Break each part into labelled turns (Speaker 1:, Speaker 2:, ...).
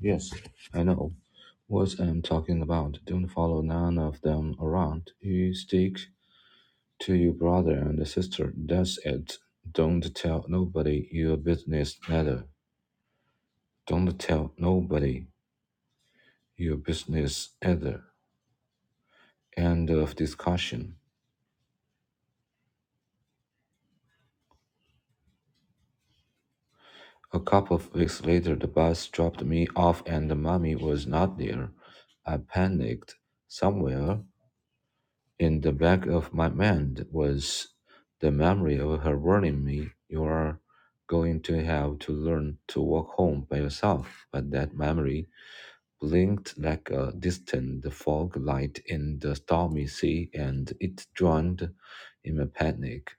Speaker 1: Yes, I know what I'm talking about. Don't follow none of them around. You stick to your brother and sister. That's it. Don't tell nobody your business either. Don't tell nobody your business either. End of discussion. A couple of weeks later, the bus dropped me off and mommy was not there. I panicked. Somewhere In the back of my mind was the memory of her warning me, You are going to have to learn to walk home by yourself. But that memory blinked like a distant fog light in the stormy sea, and it drowned in my panic.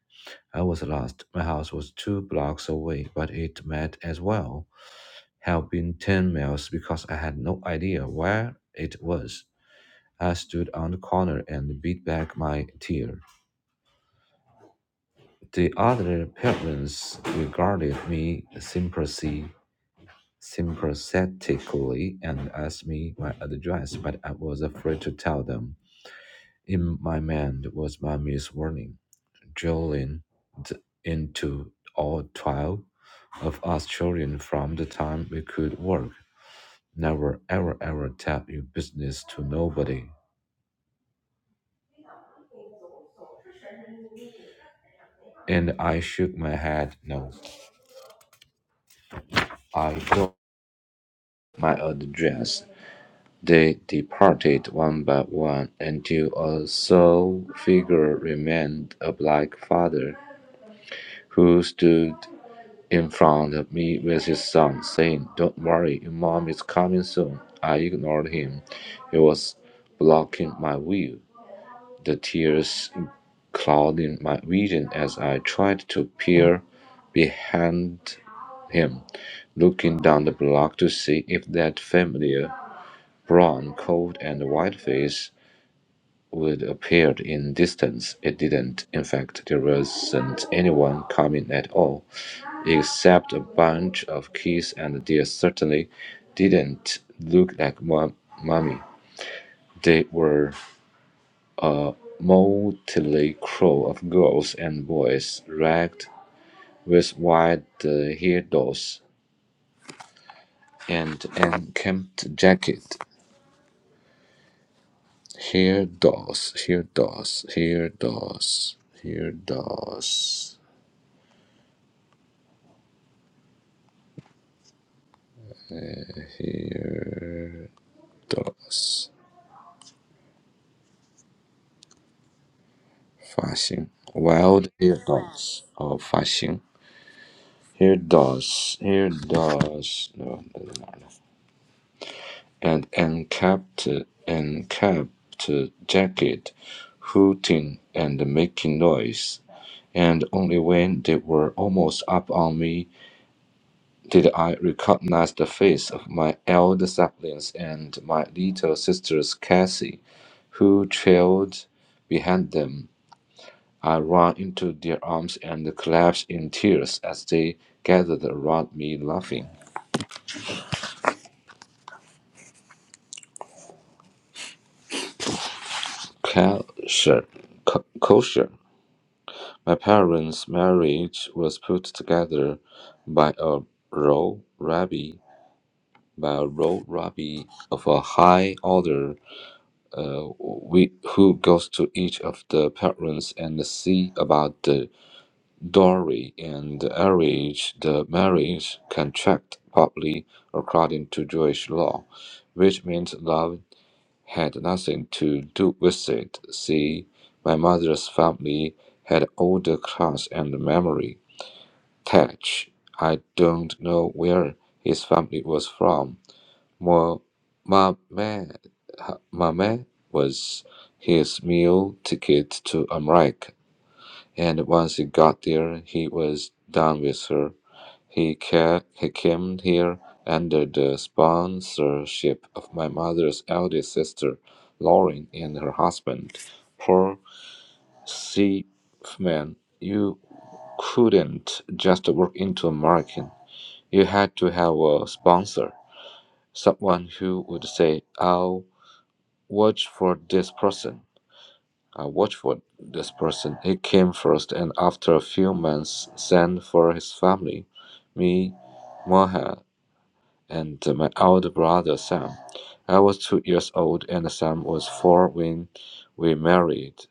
Speaker 1: I was lost. My house was two blocks away, but it might as well have been 10 miles because I had no idea where it was. I stood on the corner and beat back my tear. The other parents regarded me sympathy, sympathetically and asked me my address, but I was afraid to tell them. In my mind was Mummy's warning, drilled into all twelve of us children from the time we could work. Never, ever, ever tell your business to nobody. And I shook my head. No, I don't. My address. They departed one by one until a sole figure remained, a black father, who stood in front of me with his son, saying, Don't worry, your mom is coming soon. I ignored him. He was blocking my view, the tears clouding my vision as I tried to peer behind him, looking down the block to see if that familiar brown coat and white face would appear in distance. It didn't. In fact, there wasn't anyone coming at all, except a bunch of kids, and they certainly didn't look like mum- mummy. They were a motley crew of girls and boys, ragged with wide uh, hair and unkempt jacket. hairdos, hairdos, hairdos, hairdos, dos. Fashion. Wild hair does. Oh, fashion. Hair does. Hair does. No, doesn't matter. And encapped, encapped jacket, hooting and making noise. And only when they were almost up on me did I recognize the face of my elder siblings and my little sisters, Cassie, who trailed behind them I ran into their arms and collapsed in tears as they gathered around me laughing. Kosher. Co- Kosher. My parents' marriage was put together by a row rabbi, by a row rabbi of a high order, uh, we, who goes to each of the parents and see about the Dowry and arranged marriage contract partly according to Jewish law, which meant love had nothing to do with it. See, my mother's family had older class and memory. Tach, I don't know where his family was from. Mo- Mamet, Mamet was his meal ticket to America. And once he got there, he was done with her. He, ca- he came here under the sponsorship of my mother's eldest sister, Lauren, and her husband, Paul Seafman. You couldn't just walk into a market. You had to have a sponsor, someone who would say, I'll watch for this person I watched for this person. He came first, and after a few months, sent for his family, me, Moha, and my older brother Sam. I was two years old, and Sam was four when we married.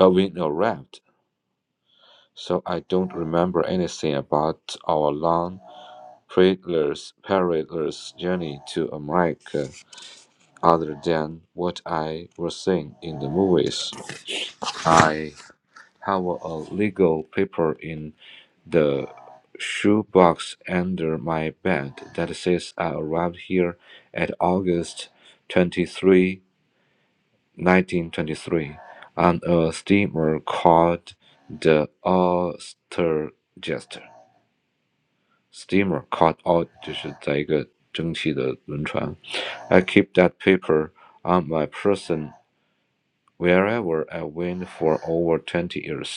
Speaker 1: Uh, we arrived, so I don't remember anything about our long, perilous, perilous journey to America, other than what I was seeing in the movies. I have a legal paper in the shoebox under my bed that says I arrived here at August twenty-third, nineteen 23, 1923, on a steamer called the Ostergester. Steamer called out 就是在一个蒸汽的轮船。I keep that paper on my person wherever I went for over 20 years.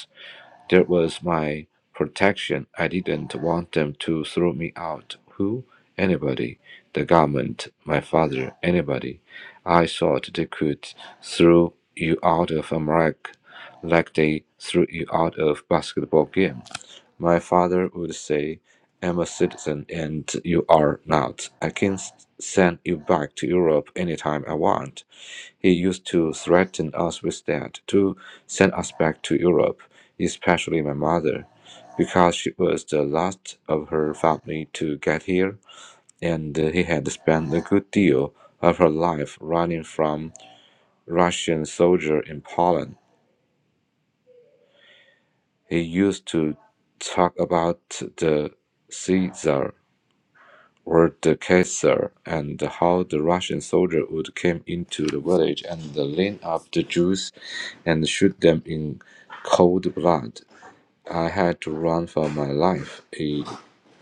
Speaker 1: That was my protection. I didn't want them to throw me out. Who? Anybody. The government, my father, anybody. I thought they could throw you out of America like they threw you out of basketball game. My father would say, I'm a citizen and you are not. I can s- send you back to Europe anytime I want. He used to threaten us with that, to send us back to Europe, especially my mother, because she was the last of her family to get here, and he had spent a good deal of her life running from Russian soldiers in Poland. He used to talk about the Caesar were the Khazar and how the Russian soldier would come into the village and line up the Jews and shoot them in cold blood. I had to run for my life. He,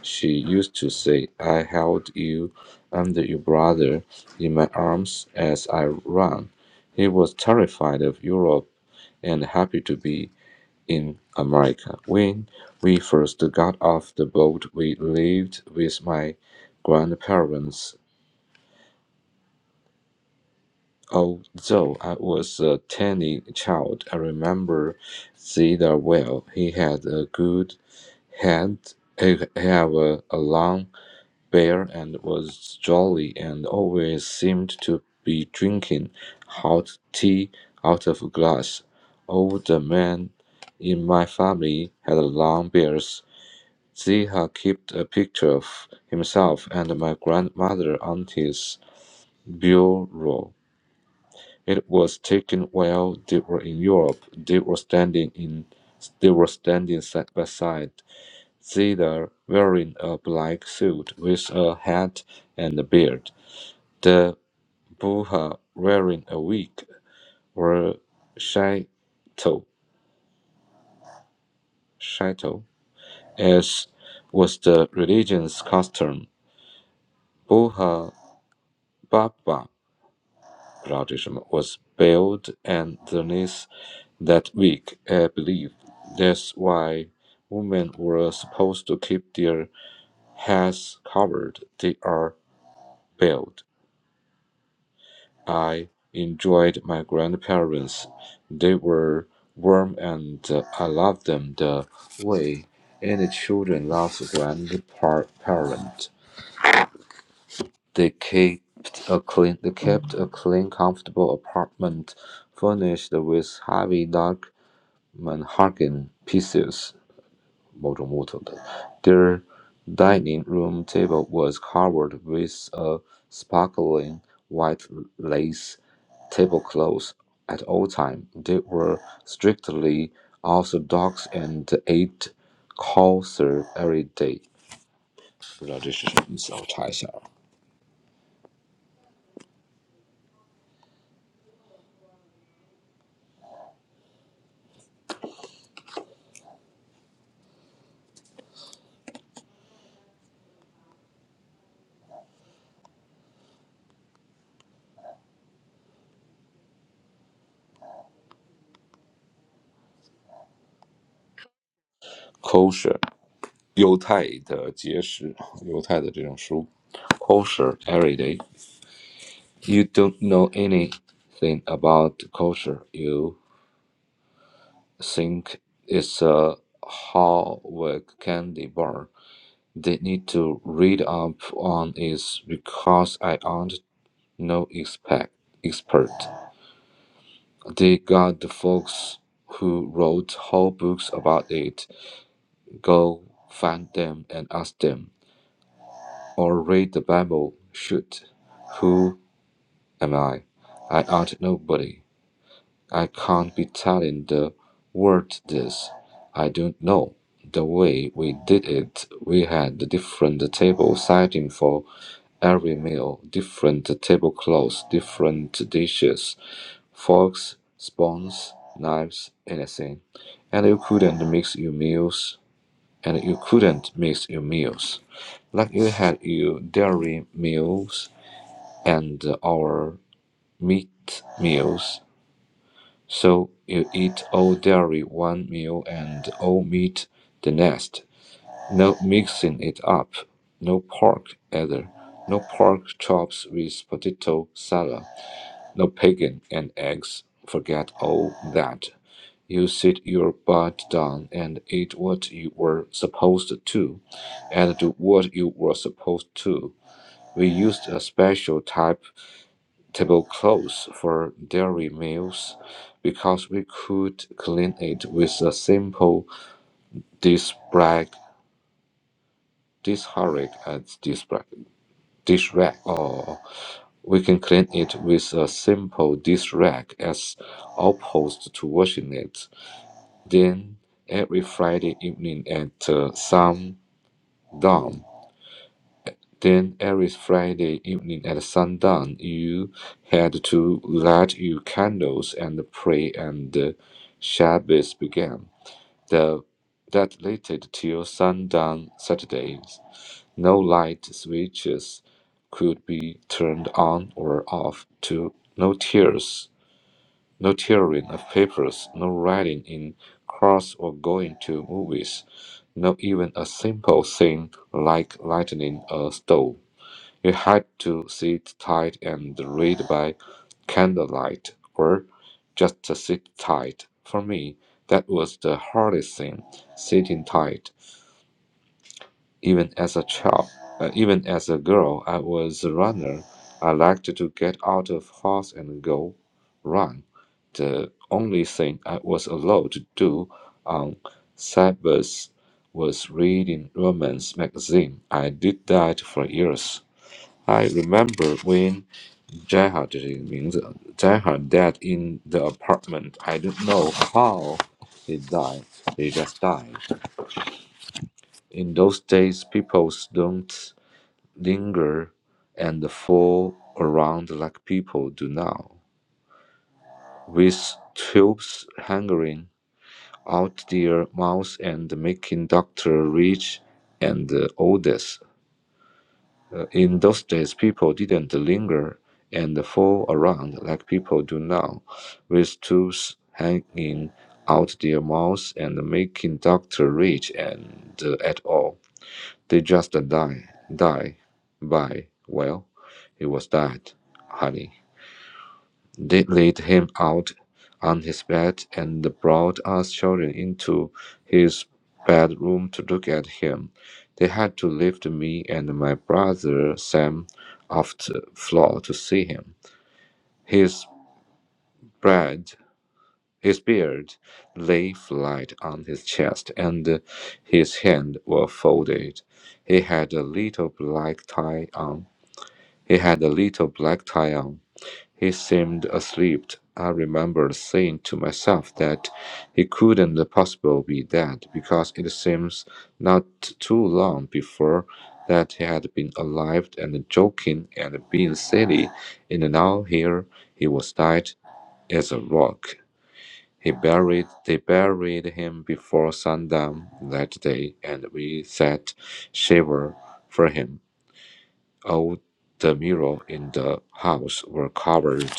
Speaker 1: she used to say, I held you and your brother in my arms as I ran. He was terrified of Europe and happy to be in America. When we first got off the boat, we lived with my grandparents. Although I was a tiny child, I remember Zeta well. He had a good head, he had a, a long beard, and was jolly and always seemed to be drinking hot tea out of a glass. All the men in my family had long beards Ziha kept a picture of himself and my grandmother on his bureau. It was taken while they were in Europe. They were standing in they were standing side by side, Zita wearing a black suit with a hat and a beard. The Buha wearing a wig were shaito, shaito, as was the religion's custom. Buha Baba Radism was built underneath that weak uh, belief. That's why women were supposed to keep their heads covered. They are built. I enjoyed my grandparents. They were warm and uh, I loved them the way any children love a grandparent. They kept a clean, they kept a clean, comfortable apartment furnished with heavy dark. Manhagan pieces Their dining room table was covered with a sparkling white lace tablecloth. At all times, they were strictly orthodox and ate kosher every day. 不知道这是什么意思，我查一下啊。Kosher，犹太的节食，犹太的这种食物。Kosher every day。You don't know anything about culture. You think it's a Hallmark candy bar. They need to read up on is because I aren't no expect, expert. They got the folks who wrote whole books about it. Go find them and ask them. Or read the Bible. Shoot. Who am I? I aren't nobody. I can't be telling the world this. I don't know. The way we did it, we had the different table setting for every meal, different tablecloths, different dishes, forks, spoons, knives, anything. And you couldn't mix your meals, and you couldn't mix your meals. Like you had your dairy meals and our meat meals so you eat all dairy one meal and all meat the next. No mixing it up. No pork either. No pork chops with potato salad. No bacon and eggs. Forget all that. You sit your butt down and eat what you were supposed to, and do what you were supposed to. We used a special type tablecloths for dairy meals because we could clean it with a simple dish rag, dish rag and dish rag. Dish rag. Oh, we can clean it with a simple dish rag as opposed to washing it. Then every Friday evening at uh, sundown Then every Friday evening at sundown you had to light your candles and pray and the Shabbat began. The, that lasted till sundown Saturdays. No light switches could be turned on or off to no tears, no tearing of papers, no riding in cars or going to movies, not even a simple thing like lighting a stove. You had to sit tight and read by candlelight, or just to sit tight. For me, that was the hardest thing, sitting tight. Even as a child, uh, even as a girl, I was a runner. I liked to get out of house and go run. The only thing I was allowed to do on Sabbath was reading romance magazine. I did that for years. I remember when Jaha 这是一个名字，Jaha died in the apartment. I don't know how he died. He just died. In those days, people don't linger and fall around like people do now, with tubes hanging out their mouths and making doctor rich and oldest. Uh, in those days, people didn't linger and fall around like people do now, with tools hanging out their mouths and making doctor rich and uh, at all. They just die, die by. Well, it was that, honey. They laid him out on his bed and brought us children into his bedroom to look at him. They had to lift me and my brother Sam off the floor to see him. His bread, his beard lay flat on his chest, and his hands were folded. He had a little black tie on. He had a little black tie on. He seemed asleep. I remember saying to myself that he couldn't possibly be dead because it seems not too long before that he had been alive and joking and being silly, and now here he was dead as a rock. He buried they buried him before sundown that day, and we sat shiver for him. All the mirror in the house were covered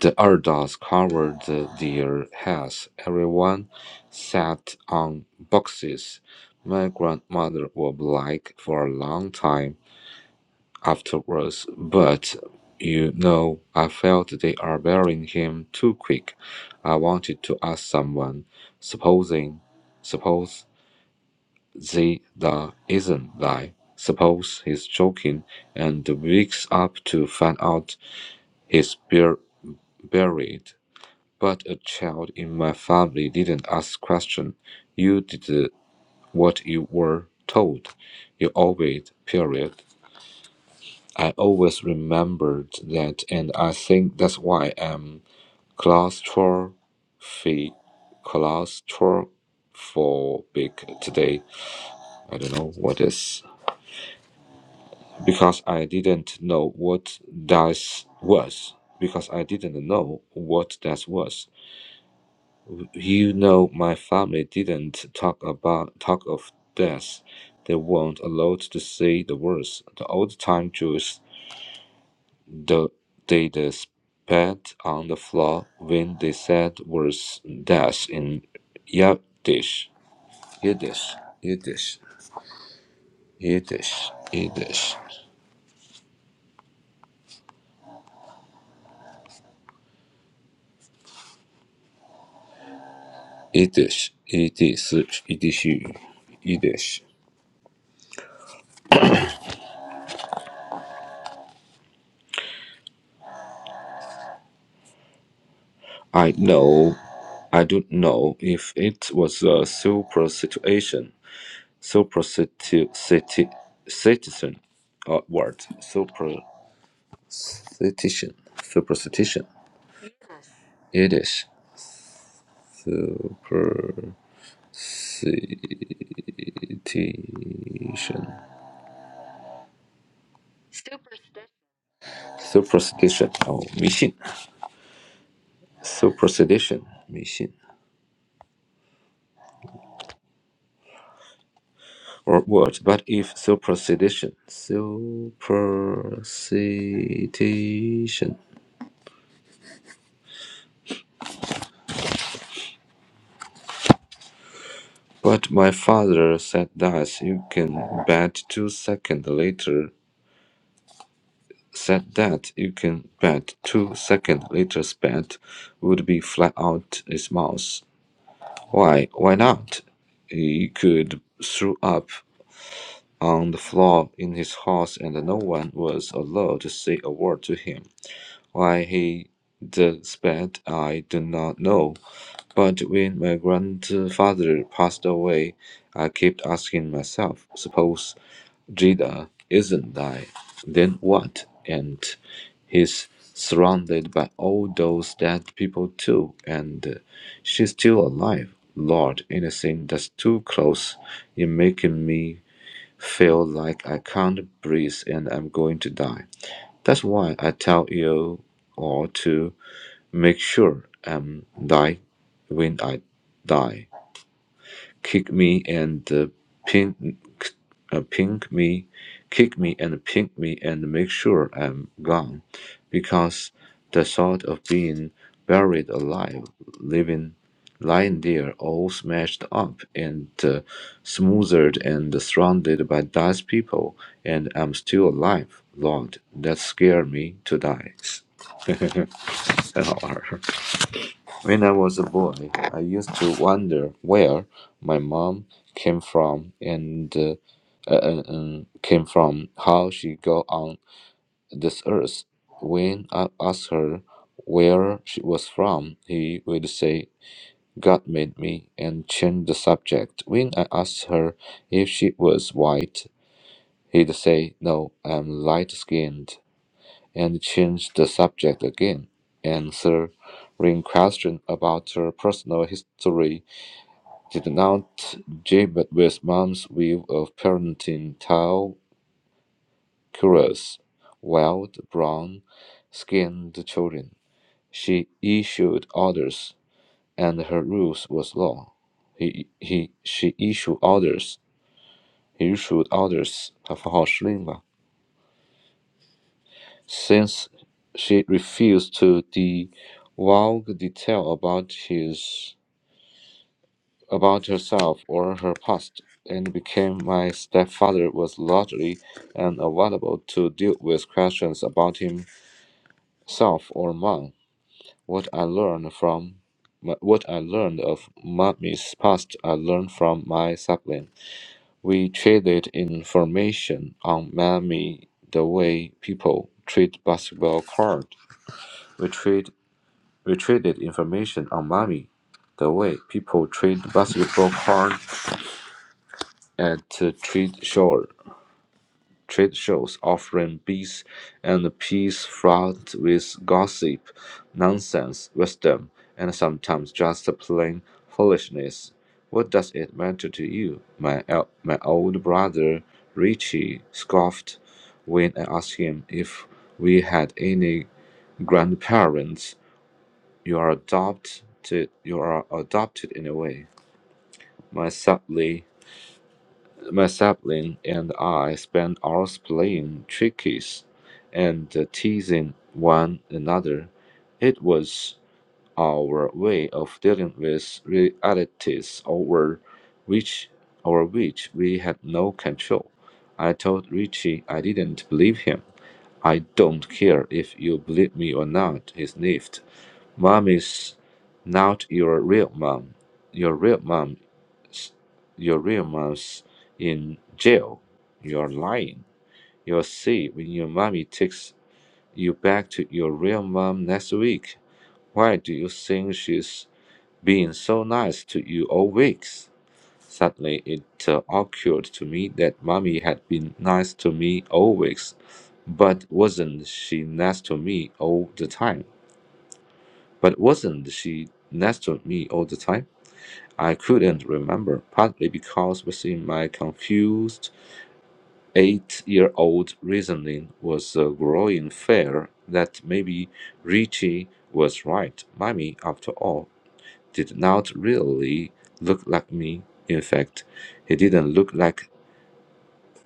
Speaker 1: The elders covered their heads. Everyone sat on boxes. My grandmother was black for a long time afterwards, but you know, I felt they are burying him too quick. I wanted to ask someone, supposing, suppose they the isn't lie. Suppose he's joking and wakes up to find out he's bur- buried. But a child in my family didn't ask questions. You did what you were told. You obeyed, period. I always remembered that, and I think that's why I'm claustrophobic, claustrophobic today. I don't know what is. Because I didn't know what that was. Because I didn't know what that was. You know, my family didn't talk about talk of death. They weren't allowed to say the words. The old time Jews, the, they the spat on the floor when they said words death in Yiddish, Yiddish, Yiddish, Yiddish, Yiddish, Yiddish, Yiddish, Yiddish, Yiddish. I know, I don't know if it was a super situation. Superstition. Uh, word. Superstition. Superstition. It is. Superstition. Superstition. Oh, 迷信. Superstition. 迷信. Or word, But if superstition. Superstition. But my father said that you can bet two seconds later Said that you can bet two second Litter's bet would be flat out his mouth. Why? Why not? He could throw up on the floor in his house and no one was allowed to say a word to him. Why he despaired I do not know, but when my grandfather passed away, I kept asking myself, suppose Jida isn't I, then what? And he's surrounded by all those dead people too, and she's still alive. Lord, anything that's too close is making me feel like I can't breathe and I'm going to die. That's why I tell you all to make sure I'm died when I die kick me and uh, pin, uh, pink me, kick me and pink me and make sure I'm gone, because the thought of being buried alive, living, lying there all smashed up and uh, smothered and surrounded by dust people, and I'm still alive. Lord, that scared me to die. 很好玩儿。when I was a boy, I used to wonder where my mom came from and uh, uh, uh, um, came from, how she got on this earth. When I asked her where she was from, he would say, God made me, and change the subject. When I asked her if she was white, he'd say, No, I'm light skinned and changed the subject again, and answering questions about her personal history did not jibe with mom's view of parenting tall, curious, wild, brown-skinned children. She issued orders, and her rules was law. He, he, she issued orders. He issued orders. 他符号是令吧 Since she refused to divulge detail about his about herself or her past, and became my stepfather was largely unavailable to deal with questions about himself or mom. What I learned from what I learned of mommy's past, I learned from my sibling. We traded information on mommy the way people treat basketball cards. We trade We traded information on money, the way people trade basketball cards at uh, trade show, trade shows, offering beats and peas fraught with gossip, nonsense, wisdom, and sometimes just plain foolishness. What does it matter to you? My el- my old brother Richie scoffed when I asked him if we had any grandparents. You are adopted. You are adopted in a way. My sibling, my sibling and I spend hours playing trickies and uh, teasing one another. It was our way of dealing with realities over which over which we had no control. I told Richie I didn't believe him. I don't care if you believe me or not, he sniffed. Mom is not your real mom. Your real mom, your real mom's in jail. You're lying. You'll see when your mommy takes you back to your real mom next week. Why do you think she's been so nice to you all weeks? Suddenly, it uh, occurred to me that mommy had been nice to me all weeks, but wasn't she nice to me all the time? But wasn't she next to me all the time? I couldn't remember, partly because within my confused eight year old reasoning was a growing fear that maybe Richie was right. Mummy, after all, did not really look like me. In fact, he didn't look like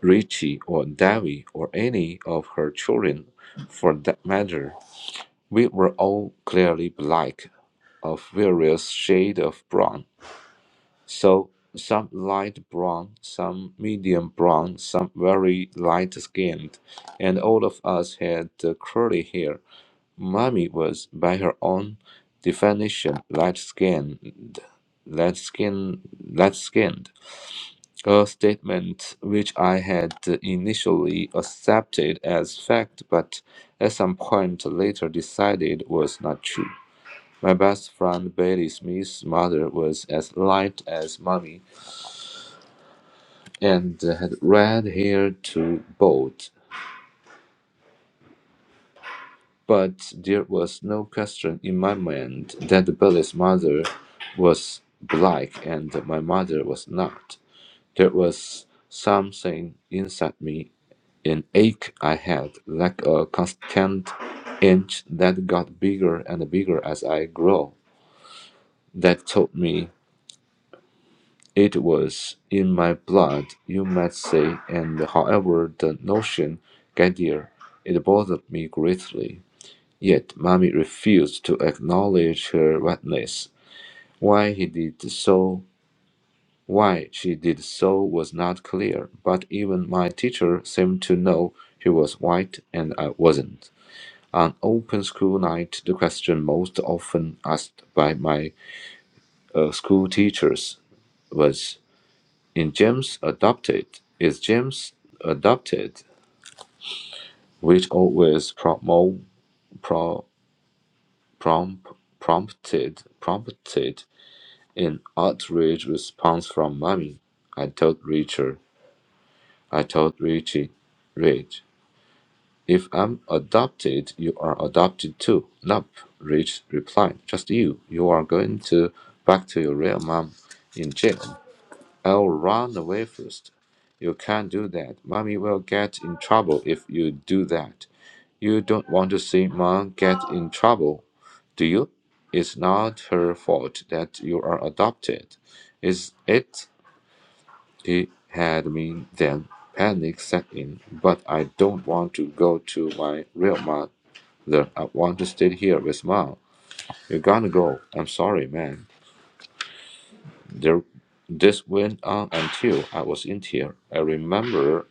Speaker 1: Richie or Davy or any of her children for that matter. We were all clearly black, of various shades of brown So some light brown, some medium brown, some very light skinned, and all of us had uh, curly hair. Mommy was, by her own definition, light skinned, light skinned, light skinned. A statement which I had initially accepted as fact, but at some point later decided was not true. My best friend Bailey Smith's mother was as light as mommy and had red hair to boot, but there was no question in my mind that Billy's mother was black and my mother was not. There was something inside me, an ache I had, like a constant inch that got bigger and bigger as I grew, that told me. It was in my blood, you might say, and however the notion got there, it bothered me greatly. Yet Mummy refused to acknowledge her wetness. Why he did so why she did so was not clear, but even my teacher seemed to know she was white and I wasn't. On open school night, the question most often asked by my uh, school teachers was In James Adopted is James Adopted, which always promo, pro, prompt, prompted prompted an outraged response from Mommy. I told Richard, I told Richie, Rich, if I'm adopted, you are adopted too. Nope, Rich replied. Just you. You are going to back to your real mom in jail. I'll run away first. You can't do that. Mommy will get in trouble if you do that. You don't want to see mom get in trouble, do you? It's not her fault that you are adopted. Is it? He had me then. Panic set in, but I don't want to go to my real mother. I want to stay here with mom. You're gonna go. I'm sorry, man. There this went on until I was in tears. I remember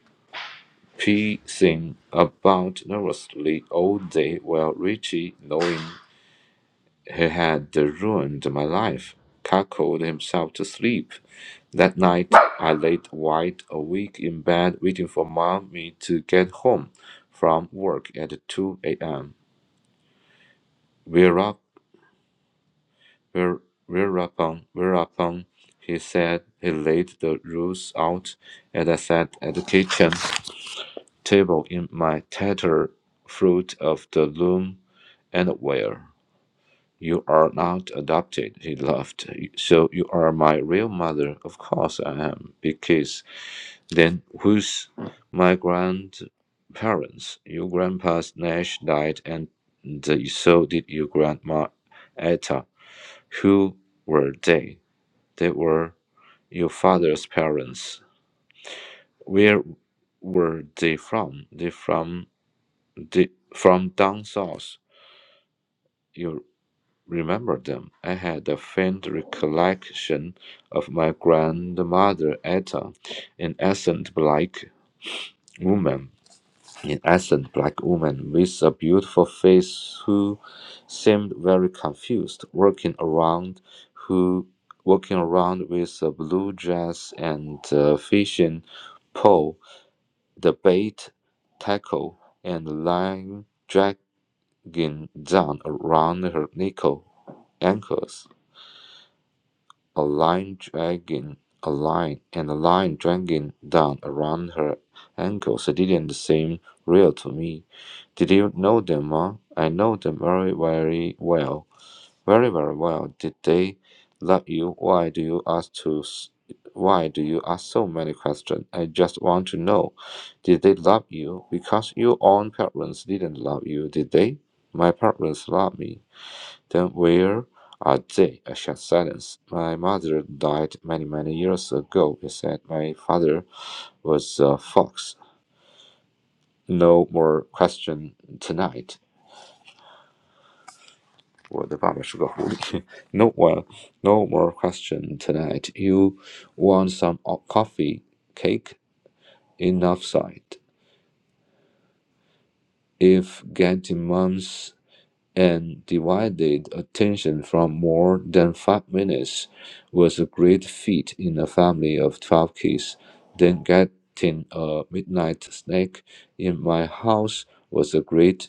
Speaker 1: pacing about nervously all day while Richie, knowing he had ruined my life, cackled himself to sleep. That night, I laid wide awake in bed waiting for mommy to get home from work at 2 a.m. Whereupon, where- whereupon, whereupon, he said he laid the rules out and I sat at the kitchen table in my tattered Fruit of the Loom anywhere. You are not adopted, he laughed. So you are my real mother? Of course I am. Because Then who's my grandparents? Your grandpa Nash died, and so did your grandma Etta. Who were they? They were your father's parents. Where were they from? They from The, from down south, you remember them. I had a faint recollection of my grandmother Etta, an essence black woman, an essence black woman with a beautiful face who seemed very confused, walking around who walking around with a blue dress and a fishing pole, the bait tackle and line drag. dragging down around her nickel ankles, a line dragging a line and a line dragging down around her ankles. It didn't seem real to me. Did you know them, Ma? I know them very, very well. Very, very well. Did they love you? Why do you ask to? s- Why do you ask so many questions? I just want to know. Did they love you? Because your own parents didn't love you, did they? My parents loved me. Then where are they? A short silence. My mother died many, many years ago. He said my father was a fox. No more question tonight. 我的爸爸是个狐狸。no one, no well, no more question tonight. You want some o- coffee, cake, enough side. If get demands and divided attention from more than five minutes was a great feat in a family of 12 kids. Then getting a midnight snack in my house was a great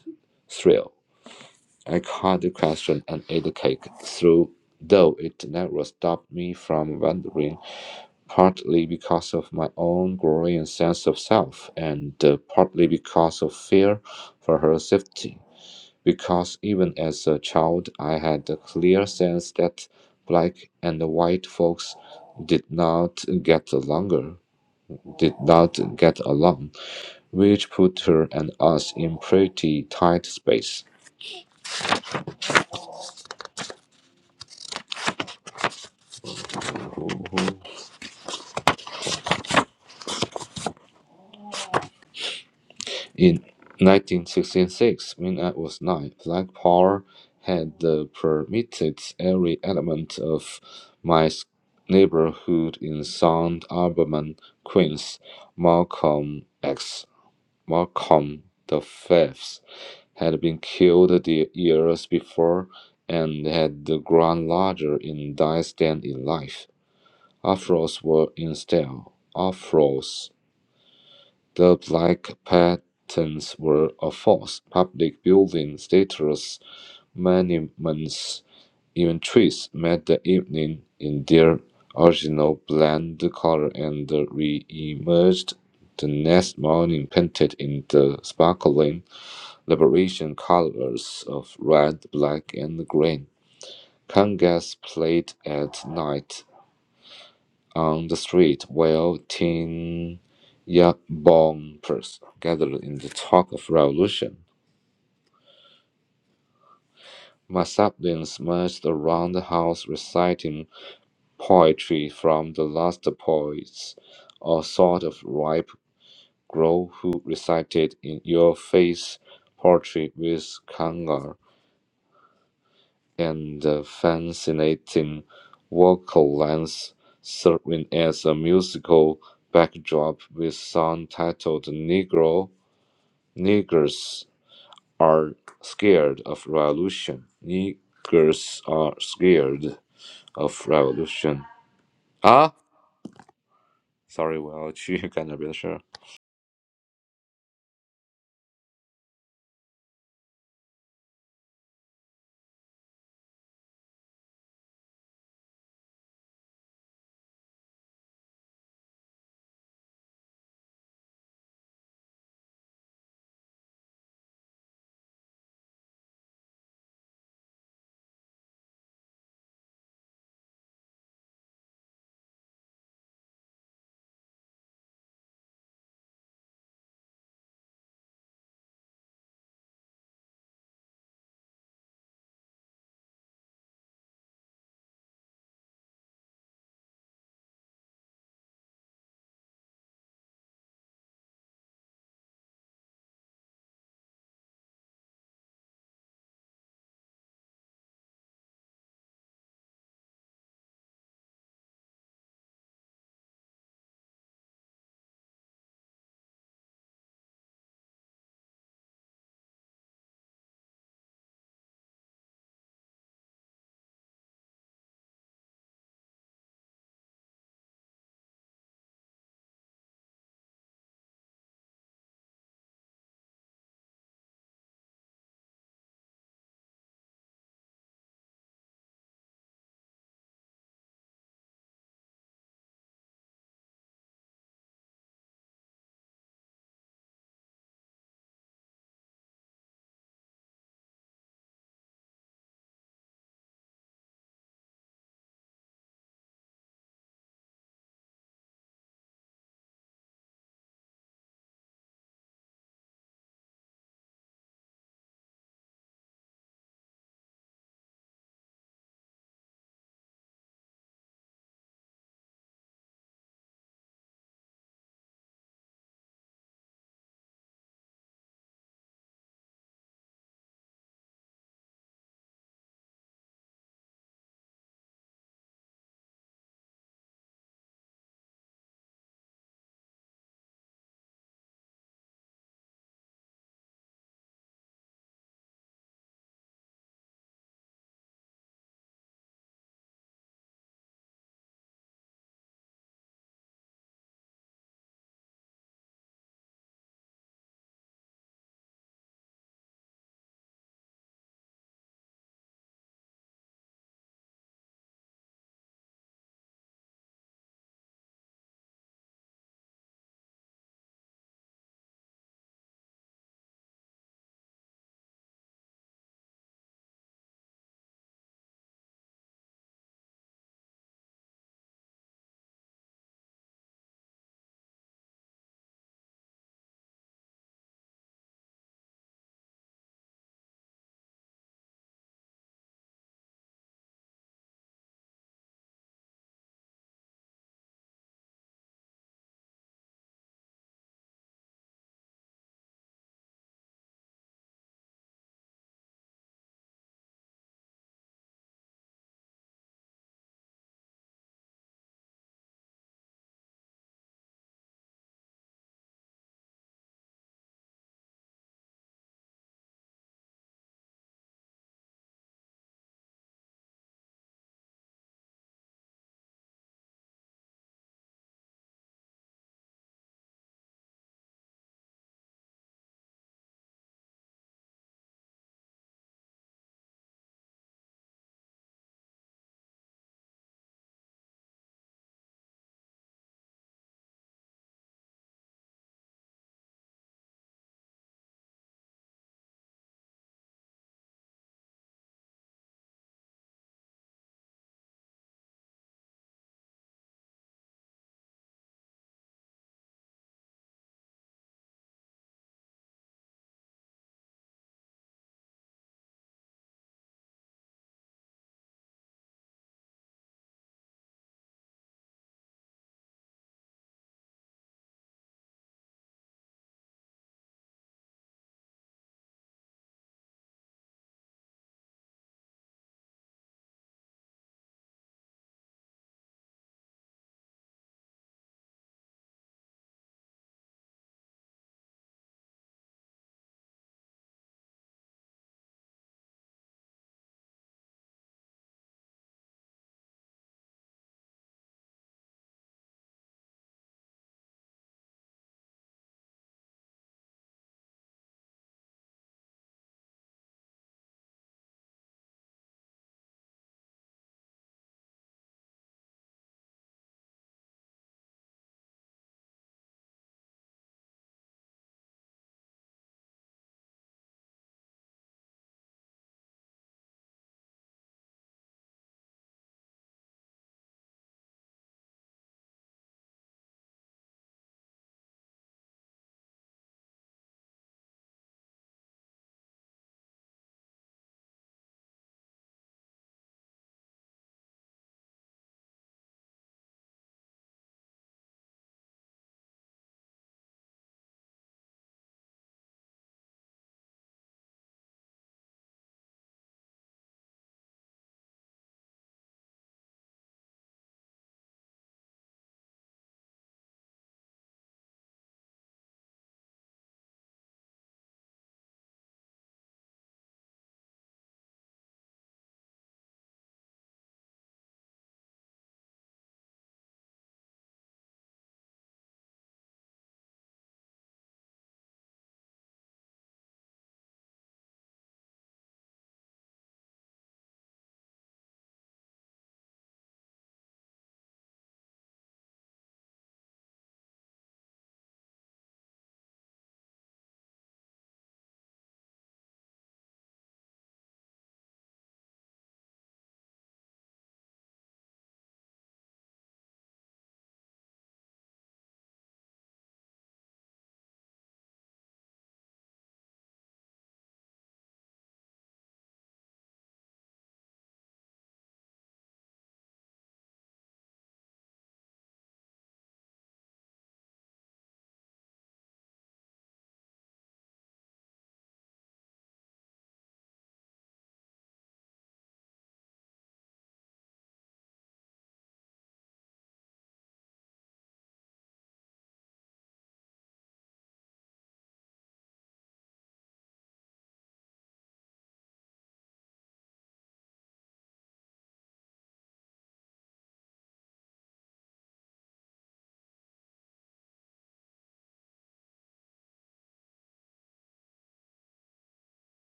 Speaker 1: thrill. I cut the question and ate the cake, through, though it never stopped me from wondering, partly because of my own growing sense of self and uh, partly because of fear for her safety because even as a child, I had a clear sense that black and white folks did not get along, did not get along, which put her and us in pretty tight space. In 1966, when I was nine, Black Power had uh, permitted every element of my s- neighborhood in Sound Albemarle, Queens, Malcolm X. Malcolm the Fifth had been killed the years before and had grown larger in size than in life. Afros were in style. Afros, the black patterns were a force. Public buildings, statues, monuments, even trees met the evening in their original bland color and re-emerged the next morning painted in the sparkling Liberation colors of red, black, and green. Congas played at night on the street while teen bombers gathered in the talk of revolution. My marched around the house reciting poetry from the last poets, a sort of ripe girl who recited in your face poetry with kangar. and the fascinating vocal lines serving as a musical backdrop with song titled Negro Niggers Are Scared of Revolution. Niggers are scared of revolution. 啊，sorry，我要去干点别的事儿。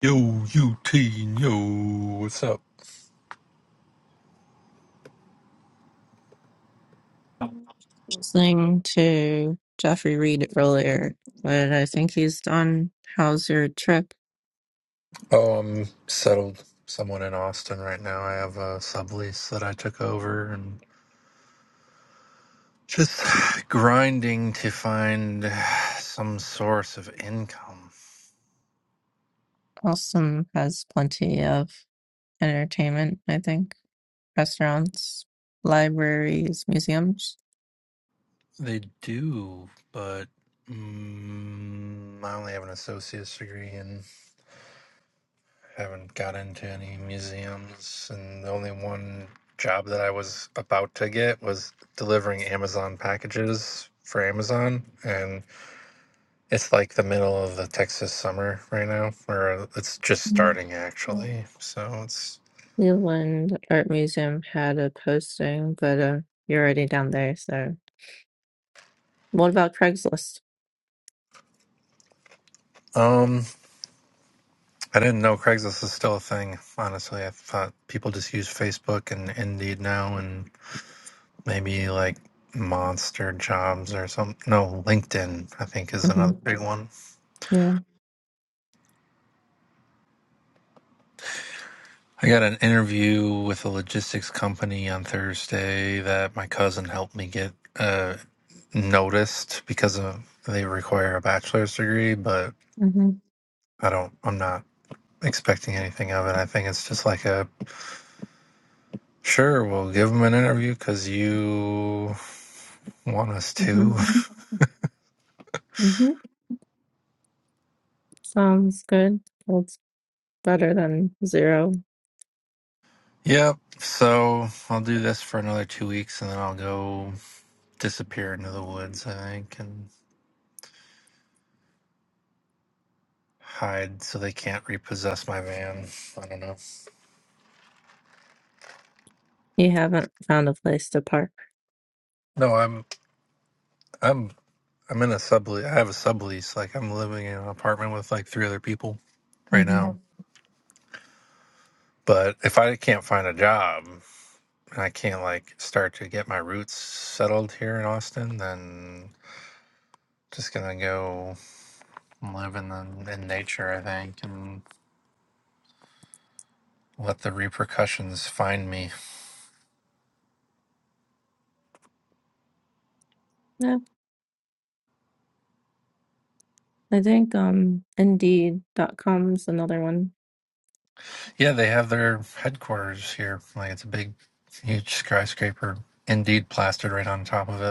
Speaker 2: Yo, Eugene, yo, what's up?
Speaker 3: listening to Jeffrey Reed earlier, but I think he's done. How's your trip?
Speaker 2: Oh, I'm settled somewhat in Austin right now. I have a sublease that I took over and just grinding to find some source of income.
Speaker 3: Awesome has plenty of entertainment, I think. Restaurants, libraries, museums.
Speaker 2: They do, but mm, I only have an associate's degree and haven't got into any museums. And the only one job that I was about to get was delivering Amazon packages for Amazon. And It's like the middle of the Texas summer right now, or it's just starting actually. So it's
Speaker 3: Cleveland Art Museum had a posting, but uh, you're already down there, so what about Craigslist?
Speaker 2: um I didn't know Craigslist is still a thing. Honestly, I thought people just use Facebook and Indeed now, and maybe like Monster Jobs or something. No, LinkedIn I think is
Speaker 3: hmm
Speaker 2: another big one.
Speaker 3: Yeah.
Speaker 2: I got an interview with a logistics company on Thursday that my cousin helped me get uh, noticed because of they require a bachelor's degree, but
Speaker 3: hmm
Speaker 2: I don't. I'm not expecting anything of it. I think it's just like a sure. We'll give them an interview because you want us to.
Speaker 3: hmm hmm Sounds good. That's better than zero.
Speaker 2: yep. So I'll do this for another two weeks, and then I'll go disappear into the woods. I think and hide so they can't repossess my van. I don't know.
Speaker 3: You haven't found a place to park.
Speaker 2: No, I'm. I'm. I'm in a sublease. I have a sublease. Like I'm living in an apartment with like three other people right
Speaker 3: hmm
Speaker 2: now. But if I can't find a job. and I can't like start to get my roots settled here in Austin, then just gonna go live in the, in nature, I think, and let the repercussions find me.
Speaker 3: Yeah, I think um indeed Indeed.com is another one.
Speaker 2: Yeah, they have their headquarters here. Like it's a big, huge skyscraper, indeed plastered right on top of it.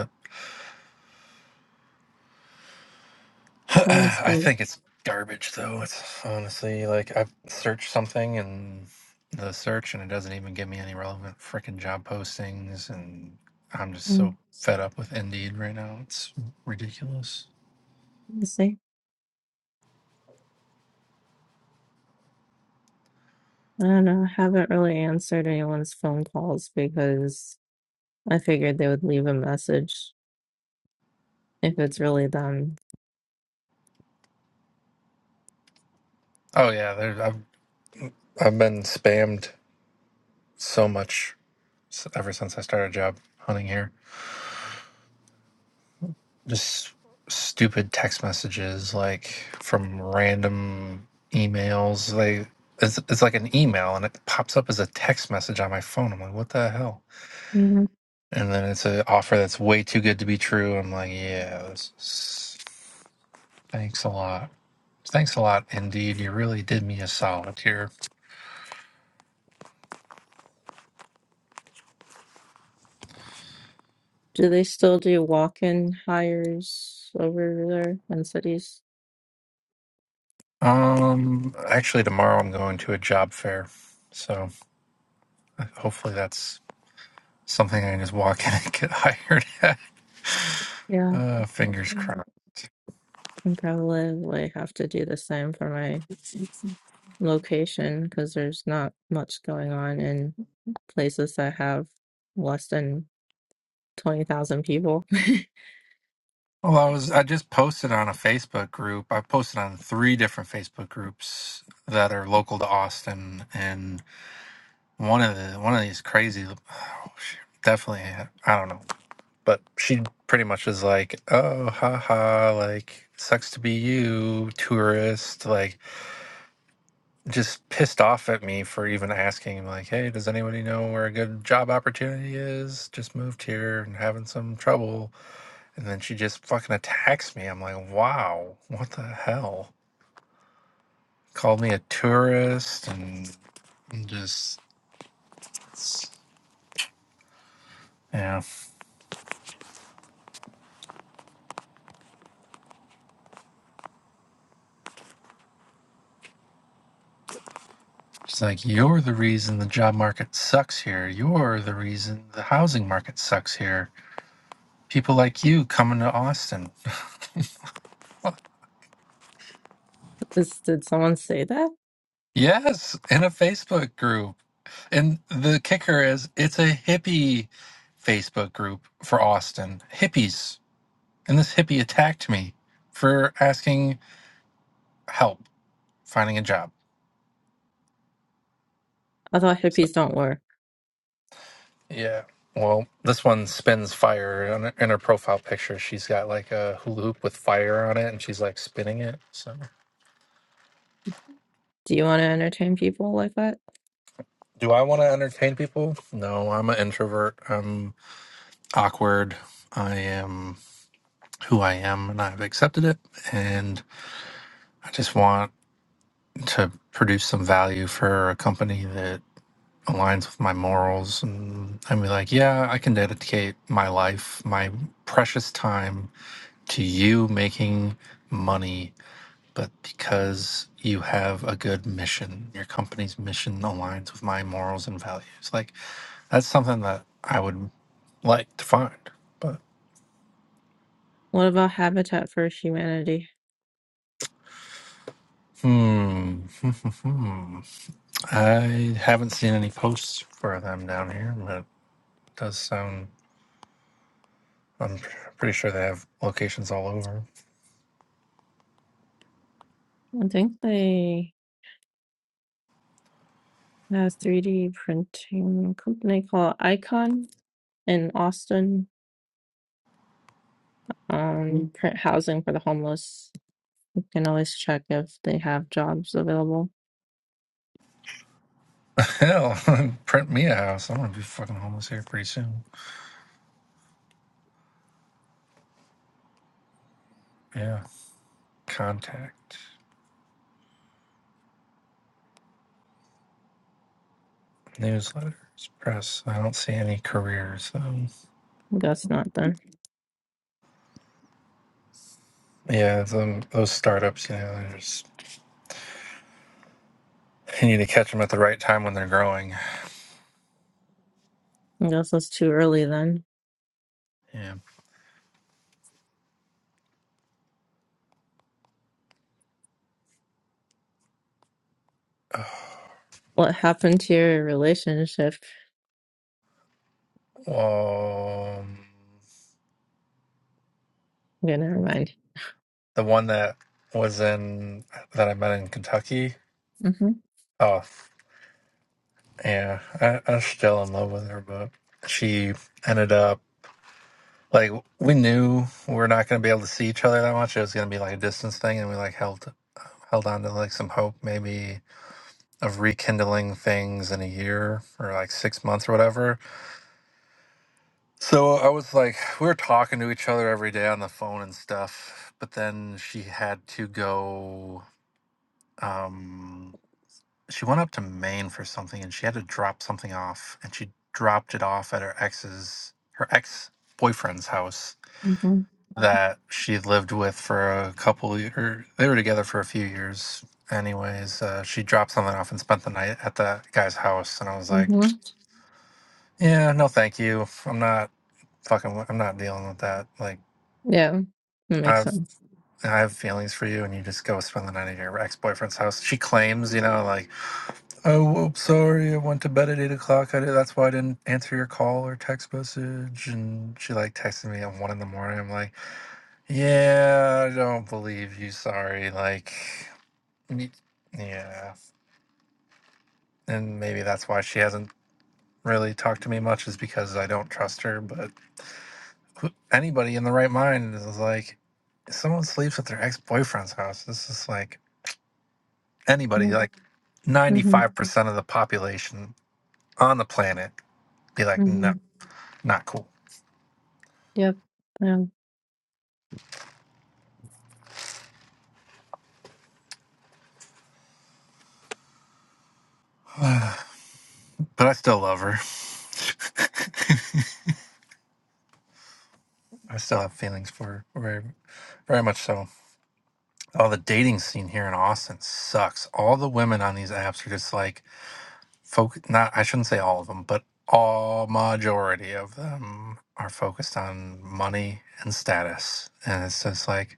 Speaker 3: Sounds
Speaker 2: I
Speaker 3: good.
Speaker 2: think it's garbage though. It's honestly like I've searched something and the search and it doesn't even give me any relevant freaking job postings and I'm just so
Speaker 3: Mm,
Speaker 2: fed up with Indeed right now. It's ridiculous.
Speaker 3: Let's see. I don't know. I haven't really answered anyone's phone calls because I figured they would leave a message if it's really them.
Speaker 2: Oh yeah, there I've I've been spammed so much s- ever since I started job hunting here. just stupid text messages like from random emails they it's, it's like an email and it pops up as a text message on my phone i'm like what the hell
Speaker 3: hmm
Speaker 2: and then it's an offer that's way too good to be true i'm like yeah this is- thanks a lot thanks a lot indeed you really did me a solid here
Speaker 3: Do they still do walk-in hires over there in cities?
Speaker 2: um actually tomorrow i'm going to a job fair so hopefully that's something i can just walk in and get hired at
Speaker 3: Yeah.
Speaker 2: uh fingers crossed
Speaker 3: And probably have to do the same for my location because there's not much going on in. places that have less than 20,000 people.
Speaker 2: Well, I was I just posted on a Facebook group. I posted on three different Facebook groups that are local to Austin, and one of the one of these crazy, oh, shoot, definitely I don't know, but she pretty much is like, oh, haha, like sucks to be you, tourist, like just pissed off at me for even asking, like, hey, does anybody know where a good job opportunity is? Just moved here and having some trouble and then she just fucking attacks me. I'm like, wow, what the hell? Called me a tourist and and just, yeah. She's like, you're the reason the job market sucks here. You're the reason the housing market sucks here. People like you coming to Austin.
Speaker 3: Is, did someone say that?
Speaker 2: Yes, in a Facebook group. And the kicker is it's a hippie Facebook group for Austin. Hippies. And this hippie attacked me for asking help finding a job.
Speaker 3: I thought
Speaker 2: So-
Speaker 3: hippies don't work.
Speaker 2: yeah. Well, this one spins fire in her, in her profile picture. She's got like a hula hoop with fire on it, and she's like spinning it. So,
Speaker 3: Do you want to entertain people like that?
Speaker 2: do I want to entertain people? No, I'm an introvert. I'm awkward. I am who I am, and I've accepted it. And I just want to produce some value for a company that aligns with my morals. And I'm like, yeah, I can dedicate my life, my precious time to you making money but because you have a good mission, your company's mission aligns with my morals and values. Like that's something that I would like to find. But
Speaker 3: What about Habitat for Humanity?
Speaker 2: hmm, I haven't seen any posts for them down here, but it does sound. I'm pr- pretty sure they have locations all over.
Speaker 3: I think they have 3D printing company called Icon. in Austin um, print housing for the homeless. You can always check if they have jobs available.
Speaker 2: Hell, print me a house. I'm gonna be fucking homeless here pretty soon. Yeah. Contact newsletters, press. I don't see any careers though.
Speaker 3: I guess not then.
Speaker 2: Yeah, them, those startups, you know, they're just, you need to catch them at the right time when they're growing.
Speaker 3: I guess it's too early then.
Speaker 2: Yeah.
Speaker 3: What happened to your relationship?
Speaker 2: Oh, Um,
Speaker 3: Okay, never mind.
Speaker 2: the one that was in that I met in Kentucky.
Speaker 3: Mm-hmm.
Speaker 2: Oh, yeah, I, I'm still in love with her, but she ended up like we knew we were not going to be able to see each other that much. It was going to be like a distance thing, and we like held held on to like some hope maybe of rekindling things in a year or like six months or whatever So I was like, we were talking to each other every day on the phone and stuff. But then she had to go. Um, she went up to Maine for something, and she had to drop something off, and she dropped it off at her ex's, her ex boyfriend's house
Speaker 3: Mm-hmm.
Speaker 2: that she lived with for a couple years. They were together for a few years. Anyways, uh, she dropped something off and spent the night at that guy's house, and I was like,
Speaker 3: Mm-hmm.
Speaker 2: "Yeah, no, thank you. I'm not fucking. I'm not dealing with that. Like,
Speaker 3: Yeah, that
Speaker 2: I've
Speaker 3: makes sense.
Speaker 2: I have feelings for you, and you just go spend the night at your ex boyfriend's house. She claims, you know, like, oh, whoops, sorry, I went to bed at eight o'clock. I, that's why I didn't answer your call or text message. And she like texted me at one in the morning. I'm like, yeah, I don't believe you. Sorry, like, y- yeah. And maybe that's why she hasn't really talked to me much is because I don't trust her. But who- anybody in the right mind is like, someone sleeps at their ex boyfriend's house. This is like. anybody,
Speaker 3: Mm-hmm.
Speaker 2: like 95% of the population on the planet be like,
Speaker 3: Mm-hmm.
Speaker 2: no, not cool.
Speaker 3: Yep. Yeah.
Speaker 2: but I still love her. I still have feelings for her, very, very much so. Oh, the dating scene here in Austin sucks. All the women on these apps are just like, folk, not, I shouldn't say all of them, but all majority of them are focused on money and status. And it's just like,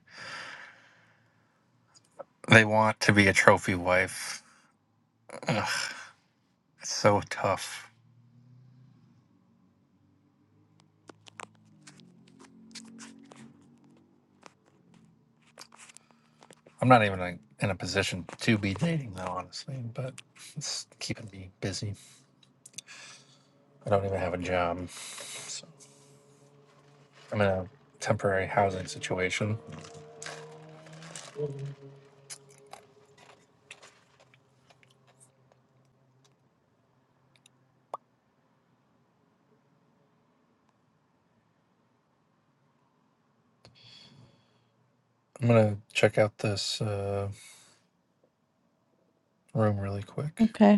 Speaker 2: they want to be a trophy wife. Ugh, it's so tough. I'm not even like, in a position to be dating though, honestly, but it's keeping me busy. I don't even have a job. So I'm in a temporary housing situation. I'm gonna check out this uh, room really quick.
Speaker 3: Okay.